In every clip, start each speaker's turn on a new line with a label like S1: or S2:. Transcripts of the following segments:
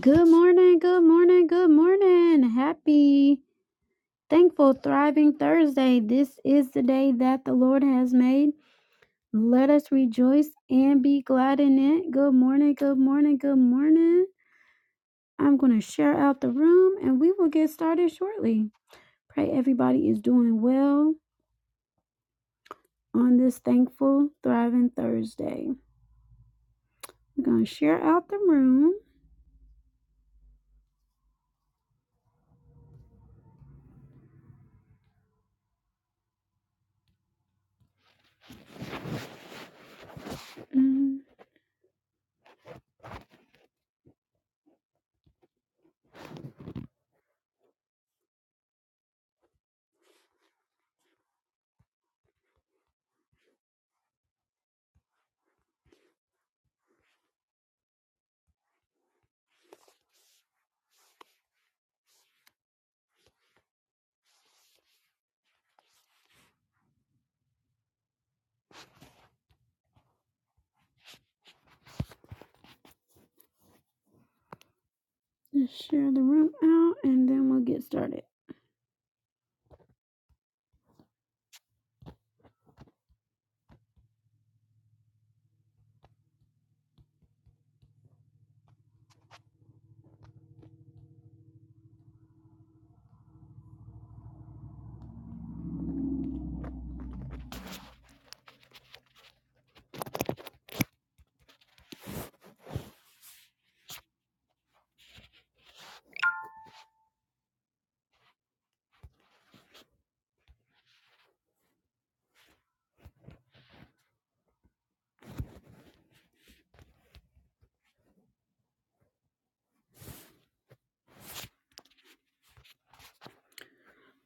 S1: Good morning, good morning, good morning. Happy, thankful, thriving Thursday. This is the day that the Lord has made. Let us rejoice and be glad in it. Good morning, good morning, good morning. I'm going to share out the room and we will get started shortly. Pray everybody is doing well on this thankful, thriving Thursday. We're going to share out the room. Mm, Just share the room out and then we'll get started.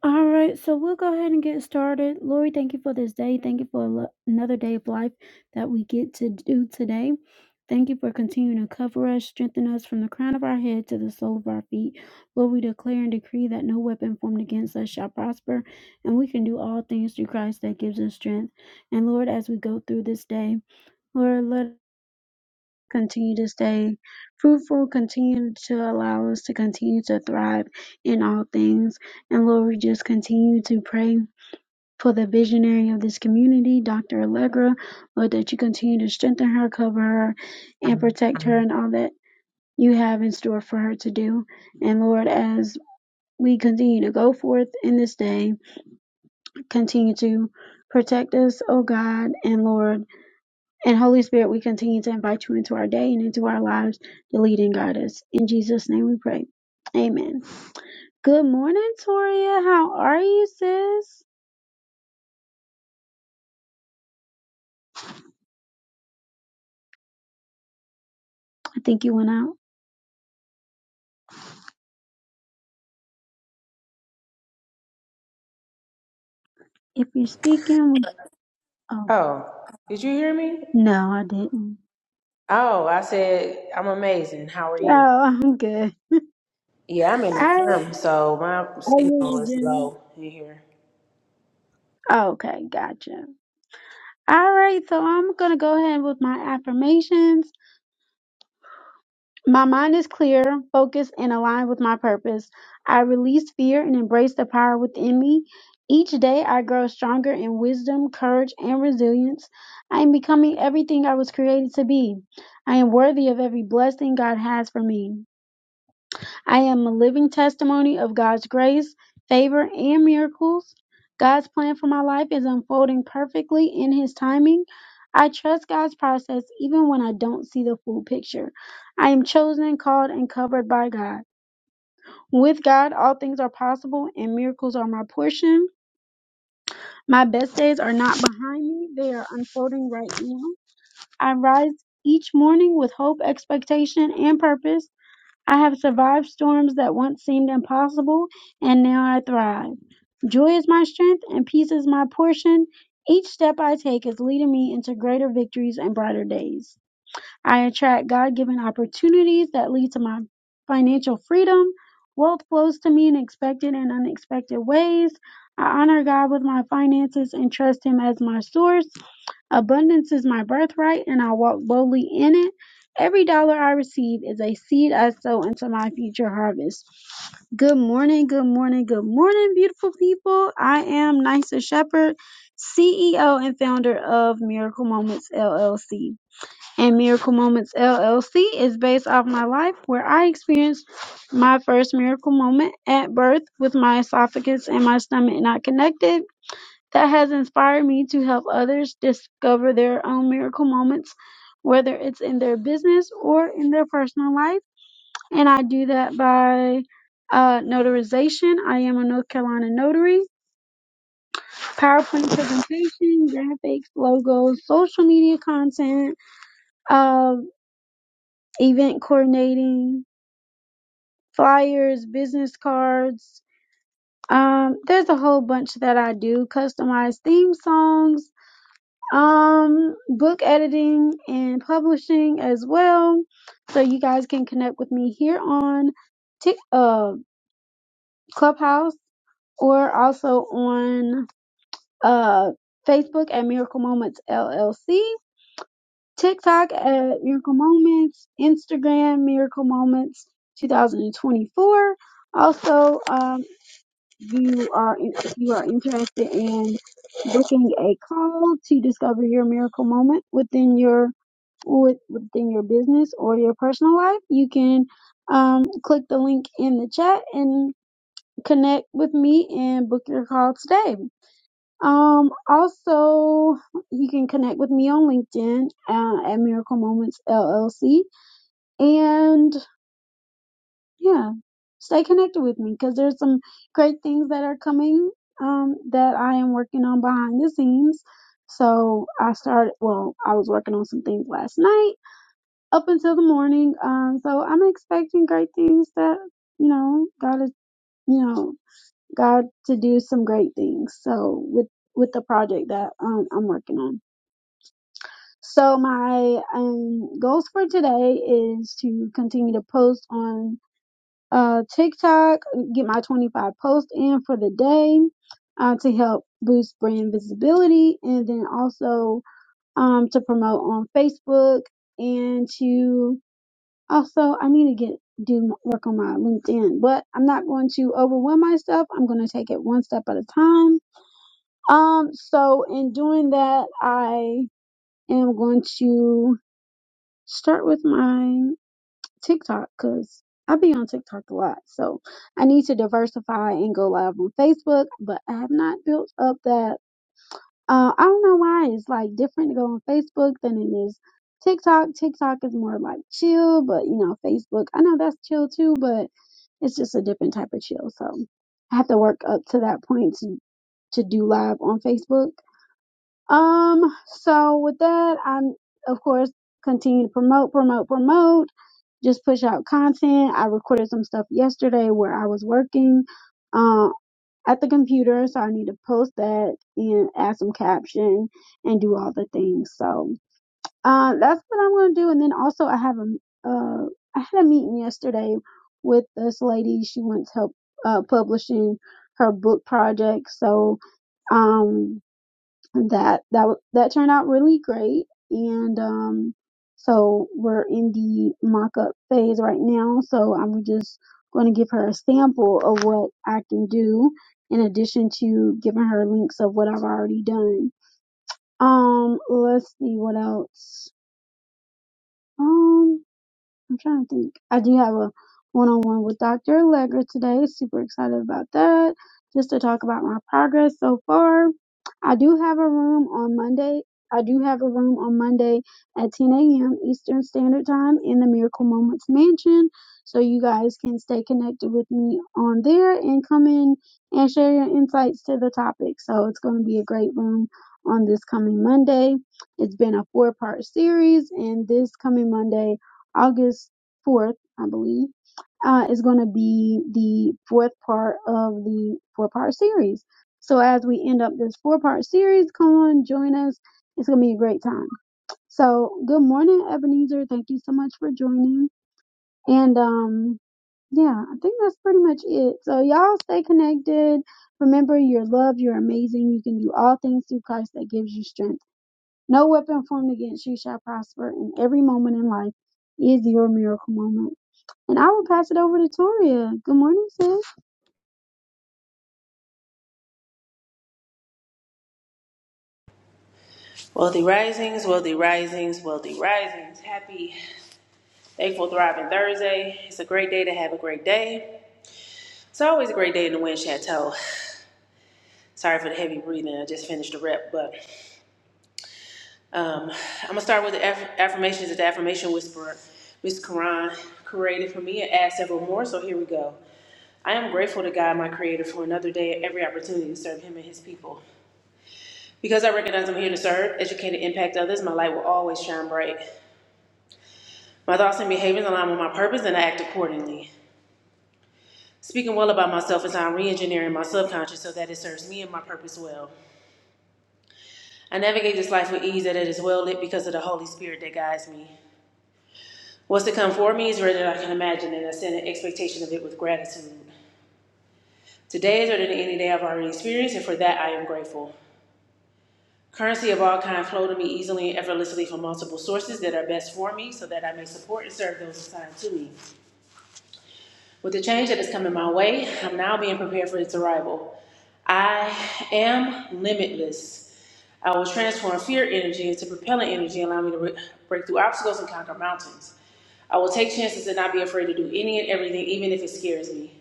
S1: All right, so we'll go ahead and get started. Lori, thank you for this day. Thank you for lo- another day of life that we get to do today. Thank you for continuing to cover us, strengthen us from the crown of our head to the sole of our feet. Lord, we declare and decree that no weapon formed against us shall prosper, and we can do all things through Christ that gives us strength. And Lord, as we go through this day, Lord, let continue to stay fruitful, continue to allow us to continue to thrive in all things. And Lord, we just continue to pray for the visionary of this community, Dr. Allegra, Lord, that you continue to strengthen her, cover her, and protect her and all that you have in store for her to do. And Lord, as we continue to go forth in this day, continue to protect us, oh God, and Lord. And Holy Spirit, we continue to invite you into our day and into our lives to lead and guide us. In Jesus' name we pray. Amen. Good morning, Toria. How are you, sis? I think you went out. If you're speaking, we- oh,
S2: Oh, did you hear me?
S1: no, I didn't.
S2: Oh, I said, I'm amazing. How are you?
S1: Oh, I'm good.
S2: Yeah, I'm in the
S1: I,
S2: gym, so my
S1: are you
S2: signal
S1: in the
S2: is
S1: gym?
S2: low in here.
S1: Okay, gotcha. All right, so I'm going to go ahead with my affirmations. My mind is clear, focused, and aligned with my purpose. I release fear and embrace the power within me. Each day, I grow stronger in wisdom, courage, and resilience. I am becoming everything I was created to be. I am worthy of every blessing God has for me. I am a living testimony of God's grace, favor, and miracles. God's plan for my life is unfolding perfectly in His timing. I trust God's process even when I don't see the full picture. I am chosen, called, and covered by God. With God, all things are possible and miracles are my portion. My best days are not behind me, they are unfolding right now. I rise each morning with hope, expectation, and purpose. I have survived storms that once seemed impossible, and now I thrive. Joy is my strength, and peace is my portion. Each step I take is leading me into greater victories and brighter days. I attract God given opportunities that lead to my financial freedom. Wealth flows to me in expected and unexpected ways. I honor God with my finances and trust Him as my source. Abundance is my birthright, and I walk boldly in it. Every dollar I receive is a seed I sow into my future harvest. Good morning, good morning, good morning, beautiful people. I am Nisa Shepherd, CEO and founder of Miracle Moments LLC and Miracle Moments LLC is based off my life where I experienced my first miracle moment at birth with my esophagus and my stomach not connected. That has inspired me to help others discover their own miracle moments, whether it's in their business or in their personal life. And I do that by uh, notarization. I am a North Carolina notary. PowerPoint presentation, graphics, logos, social media content, uh, event coordinating, flyers, business cards. Um, there's a whole bunch that I do, customized theme songs, um, book editing and publishing as well. So you guys can connect with me here on Tik uh, Clubhouse or also on uh, Facebook at Miracle Moments LLC, TikTok at Miracle Moments, Instagram Miracle Moments 2024. Also, um. you are in- if you are interested in booking a call to discover your miracle moment within your with, within your business or your personal life, you can um, click the link in the chat and connect with me and book your call today. Um, also, you can connect with me on LinkedIn uh, at Miracle Moments LLC, and yeah, stay connected with me because there's some great things that are coming um, that I am working on behind the scenes. So I started, well, I was working on some things last night up until the morning. Um, so I'm expecting great things that, you know, God is, you know, God to do some great things. So with, with the project that um, I'm working on. So my um, goals for today is to continue to post on uh, TikTok, get my 25 posts in for the day uh, to help boost brand visibility and then also um, to promote on Facebook and to also, I need to get do work on my LinkedIn, but I'm not going to overwhelm myself. I'm going to take it one step at a time. Um, so in doing that, I am going to start with my. TikTok because I be on TikTok a lot. So I need to diversify and go live on Facebook, but I have not built up that. Uh, I don't know why it's like different to go on Facebook than it is TikTok. TikTok is more like chill, but you know, Facebook, I know that's chill too, but it's just a different type of chill. So I have to work up to that point to, to do live on Facebook. Um, so with that, I'm of course continue to promote, promote, promote, just push out content. I recorded some stuff yesterday where I was working uh, at the computer, so I need to post that and add some caption and do all the things. So uh that's what I'm gonna do. And then also I have a uh I had a meeting yesterday with this lady. She wants help uh publishing her book project. So um that that w- that turned out really great and um so we're in the mock-up phase right now so i'm just going to give her a sample of what i can do in addition to giving her links of what i've already done um let's see what else um I'm trying to think. I do have a one-on-one with Dr. Allegra today. Super excited about that. Just to talk about my progress so far. I do have a room on Monday. I do have a room on Monday at 10 a.m. Eastern Standard Time in the Miracle Moments Mansion. So you guys can stay connected with me on there and come in and share your insights to the topic. So it's going to be a great room on this coming Monday. It's been a four part series, and this coming Monday August 4th, I believe, uh, is going to be the fourth part of the four part series. So as we end up this four part series, come on, join us. It's going to be a great time. So good morning, Ebenezer. Thank you so much for joining. And, um, yeah, I think that's pretty much it. So y'all stay connected. Remember, you're loved, you're amazing, you can do all things through Christ that gives you strength. No weapon formed against you shall prosper, and every moment in life is your miracle moment. And I will pass it over to Toria. Good morning, sis.
S2: Wealthy Risings, Wealthy Risings, Wealthy Risings. Happy, thankful, thriving Thursday. It's a great day to have a great day. It's always a great day in the wind chateau. Sorry for the heavy breathing. I just finished the rep, but um, I'm gonna start with the aff- affirmations that the affirmation whisperer, Miss Karan, created for me and add several more. So here we go. I am grateful to God, my Creator, for another day and every opportunity to serve Him and His people. Because I recognize I'm here to serve, educate, and impact others, my light will always shine bright. My thoughts and behaviors align with my purpose, and I act accordingly. Speaking well about myself is how I'm re engineering my subconscious so that it serves me and my purpose well. I navigate this life with ease, and it is well lit because of the Holy Spirit that guides me. What's to come for me is greater than I can imagine, and I send an expectation of it with gratitude. Today is better than any day I've already experienced, and for that I am grateful. Currency of all kind flow to me easily and effortlessly from multiple sources that are best for me so that I may support and serve those assigned to me. With the change that is coming my way, I'm now being prepared for its arrival. I am limitless. I will transform fear energy into propellant energy, allowing me to re- break through obstacles and conquer mountains. I will take chances and not be afraid to do any and everything, even if it scares me.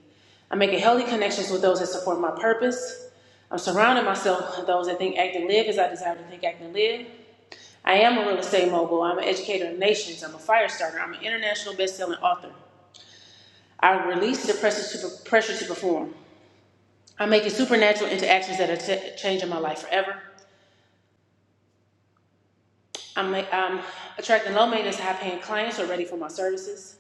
S2: I'm making healthy connections with those that support my purpose. I'm surrounding myself with those that think, act, and live as I desire to think, act, and live. I am a real estate mogul. I'm an educator of nations. I'm a fire starter. I'm an international best-selling author. I release the pressure to, pressure to perform. I'm making supernatural interactions that are t- changing my life forever. I'm, ma- I'm attracting low maintenance, high paying clients who are ready for my services.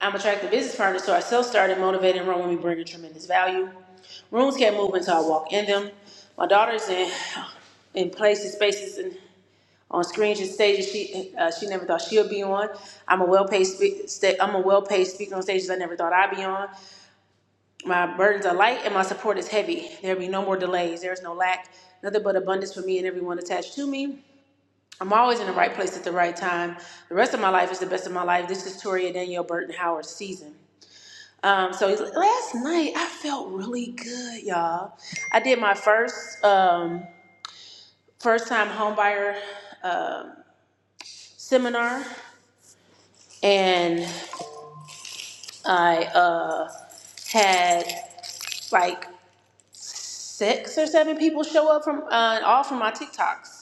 S2: I'm attracting business partners, so I self started, motivated, and run when we bring a tremendous value. Rooms can't move until I walk in them. My daughter's in in places, spaces, and. on screens and stages she uh, she never thought she'll be on. I'm a well-paid spe- sta- I'm a well-paid speaker on stages I never thought I'd be on. My burdens are light and my support is heavy. There'll be no more delays. There's no lack, nothing but abundance for me and everyone attached to me. I'm always in the right place at the right time. The rest of my life is the best of my life. This is Toria Danielle Burton Howard season. Um, so last night I felt really good, y'all. I did my first um, first time homebuyer um seminar, and I uh had like six or seven people show up from uh, all from my TikToks.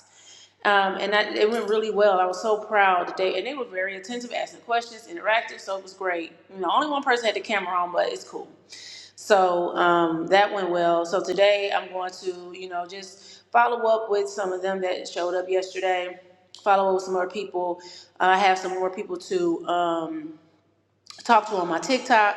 S2: Um, and that, it went really well. I was so proud that they and they were very attentive, asking questions, interactive, so it was great. You know, only one person had the camera on, but it's cool. So um, that went well. So today I'm going to, you know, just follow up with some of them that showed up yesterday. Follow up with some more people. Uh, I have some more people to. Um, talked to on my TikTok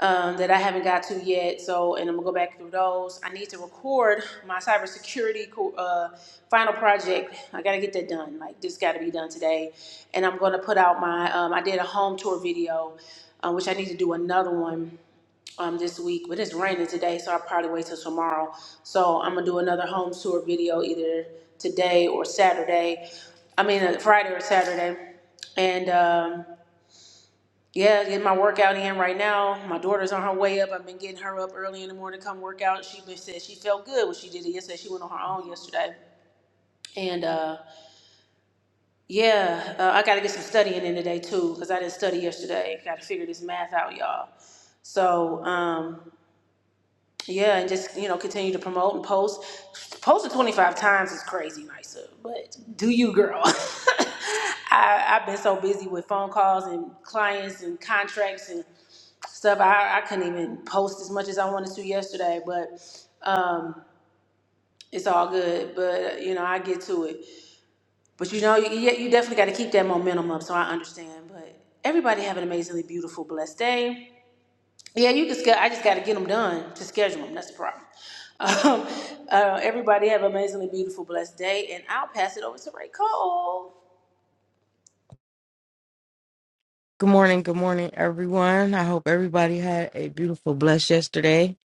S2: um, that I haven't got to yet. So, and I'm gonna go back through those. I need to record my cybersecurity co- uh, final project. I gotta get that done. Like this got to be done today. And I'm gonna put out my. Um, I did a home tour video, uh, which I need to do another one. Um, this week, but it's raining today, so I'll probably wait till tomorrow. So I'm gonna do another home tour video either today or Saturday. I mean, uh, Friday or Saturday, and um, yeah, getting my workout in right now. My daughter's on her way up. I've been getting her up early in the morning to come work out. She been said she felt good when she did it yesterday. She went on her own yesterday. And uh, yeah, uh, I got to get some studying in today too because I didn't study yesterday. Got to figure this math out, y'all. So um, yeah, and just you know continue to promote and post. Posted 25 times is crazy, Nysa. But do you, girl? I, I've been so busy with phone calls and clients and contracts and stuff. I, I couldn't even post as much as I wanted to yesterday, but um, it's all good. But you know, I get to it. But you know, you, you definitely got to keep that momentum up. So I understand. But everybody have an amazingly beautiful, blessed day. Yeah, you just got. I just got to get them done to schedule them. That's the problem. Um, uh, everybody have an amazingly beautiful, blessed day, and I'll pass it over to Ray Cole.
S3: Good morning, good morning, everyone. I hope everybody had a beautiful blessed yesterday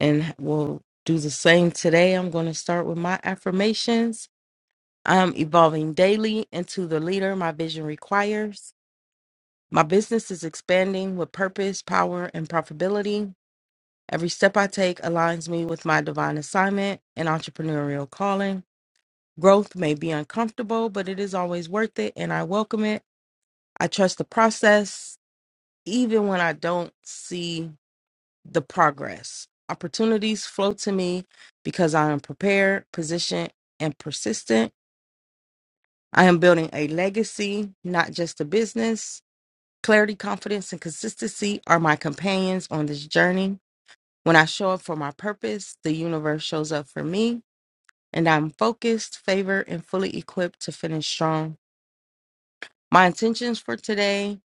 S3: and will do the same today. I'm going to start with my affirmations. I'm evolving daily into the leader my vision requires. My business is expanding with purpose, power, and profitability. Every step I take aligns me with my divine assignment and entrepreneurial calling. Growth may be uncomfortable, but it is always worth it, and I welcome it. I trust the process, even when I don't see the progress. Opportunities flow to me because I am prepared, positioned, and persistent. I am building a legacy, not just a business. Clarity, confidence, and consistency are my companions on this journey. When I show up for my purpose, the universe shows up for me, and I'm focused, favored, and fully equipped to finish strong. My intentions for today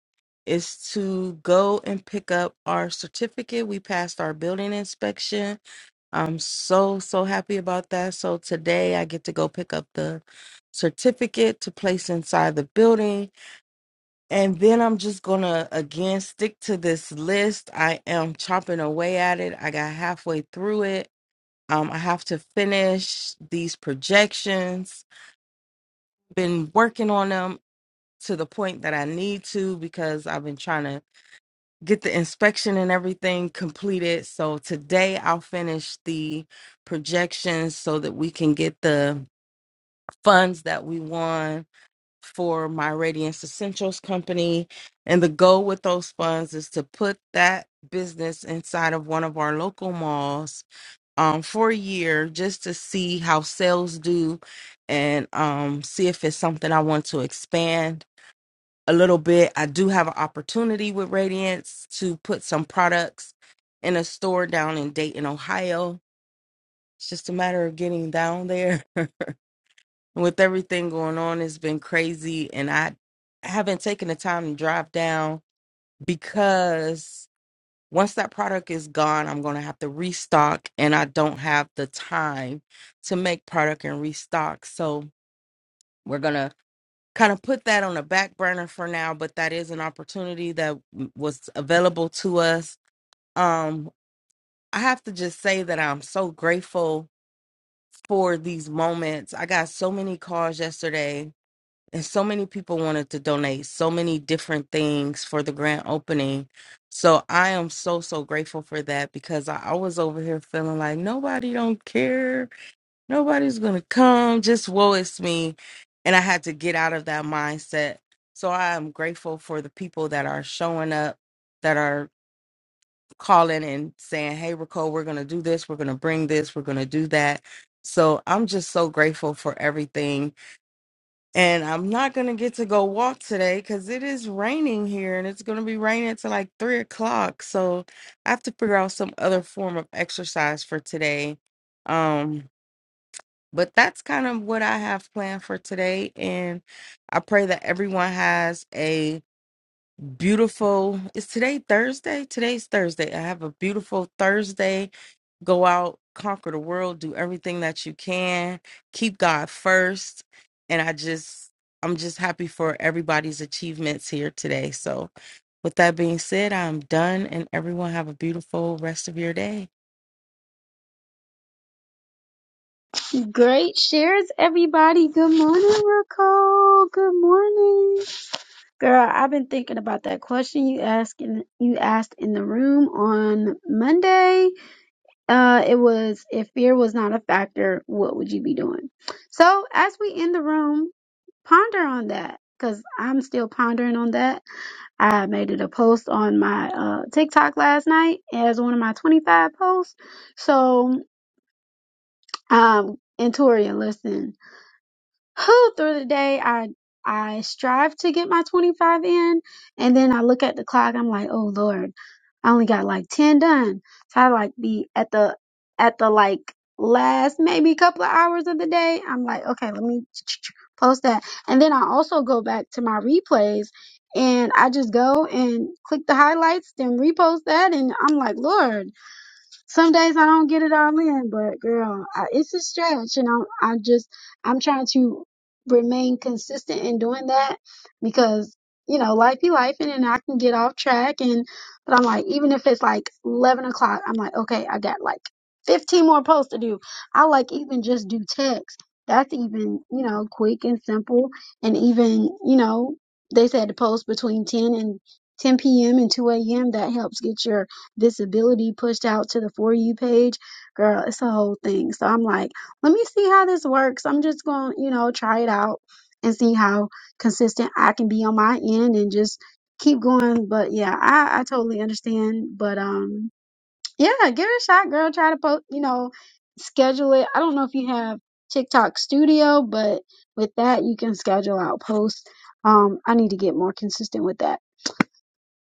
S3: is to go and pick up our certificate. We passed our building inspection I'm so, so happy about that. So today I get to go pick up the certificate to place inside the building. And then I'm just going to again stick to this list. I am chopping away at it. I got halfway through it. Um, I have to finish these projections. Been working on them to the point that I need to because I've been trying to get the inspection and everything completed. So today I'll finish the projections so that we can get the funds that we won for my Radiance Essentials company. And the goal with those funds is to put that business inside of one of our local malls um, for a year just to see how sales do and um, see if it's something I want to expand a little bit. I do have an opportunity with Radiance to put some products in a store down in Dayton, Ohio. It's just a matter of getting down there. with everything going on, it's been crazy. And I haven't taken the time to drive down because once that product is gone, I'm going to have to restock. And I don't have the time to make product and restock. So we're going to kind of put that on a back burner for now, but that is an opportunity that w- was available to us. Um, I have to just say that I'm so grateful for these moments. I got so many calls yesterday, and so many people wanted to donate so many different things for the grand opening. So I am so so grateful for that because I, I was over here feeling like nobody don't care nobody's gonna come just woe is me and i had to get out of that mindset so i am grateful for the people that are showing up that are calling and saying hey rico we're gonna do this we're gonna bring this we're gonna do that so i'm just so grateful for everything and i'm not gonna get to go walk today because it is raining here and it's gonna be raining till like three o'clock so i have to figure out some other form of exercise for today um but that's kind of what I have planned for today. And I pray that everyone has a beautiful, is today Thursday? Today's Thursday. I have a beautiful Thursday. Go out, conquer the world, do everything that you can, keep God first. And I just, I'm just happy for everybody's achievements here today. So, with that being said, I'm done, and everyone have a beautiful rest of your day.
S1: Great shares, everybody. Good morning, Raquel. Good morning, girl. I've been thinking about that question you asked in, you asked in the room on Monday. Uh, it was if fear was not a factor, what would you be doing? So as we end the room, ponder on that because I'm still pondering on that I made it a post on my uh, TikTok last night as one of my 25 posts. So, um, and Tori, listen, who through the day I I strive to get my 25 in and then I look at the clock I'm like oh lord I only got like 10 done so I like be at the at the like last maybe couple of hours of the day I'm like okay let me post that and then I also go back to my replays and I just go and click the highlights then repost that and I'm like lord some days I don't get it all in, but girl, I, it's a stretch, and I'm I'm just I'm trying to remain consistent in doing that because you know life be life, and then I can get off track. And but I'm like, even if it's like eleven o'clock, I'm like, okay, I got like fifteen more posts to do. I like even just do text. That's even you know quick and simple, and even you know they said to post between ten and 10 p.m. and 2 a.m. That helps get your visibility pushed out to the For You page. Girl, it's a whole thing. So I'm like, let me see how this works. I'm just going to, you know, try it out and see how consistent I can be on my end and just keep going. But yeah, I, I totally understand. But um, yeah, give it a shot, girl. Try to post, you know, schedule it. I don't know if you have TikTok Studio, but with that, you can schedule out posts. Um, I need to get more consistent with that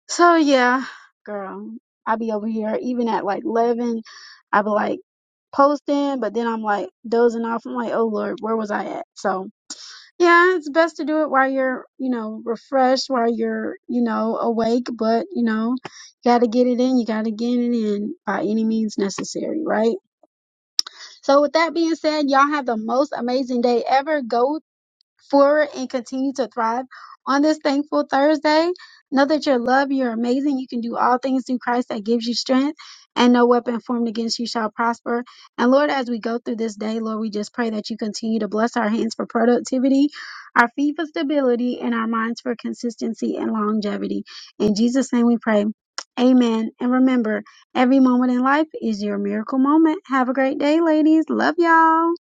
S1: so yeah, girl, I be over here even at like 11. I be like posting, but then I'm like dozing off. I'm like, oh Lord, where was I at? So yeah, it's best to do it while you're, you know, refreshed, while you're, you know, awake. But you know, you gotta get it in. You gotta get it in by any means necessary, right? So with that being said, y'all have the most amazing day ever. Go forward and continue to thrive on this thankful Thursday. Know that you're loved, you're amazing, you can do all things through Christ that gives you strength, and no weapon formed against you shall prosper. And Lord, as we go through this day, Lord, we just pray that you continue to bless our hands for productivity, our feet for stability, and our minds for consistency and longevity. In Jesus' name we pray. Amen. And remember, every moment in life is your miracle moment. Have a great day, ladies. Love y'all.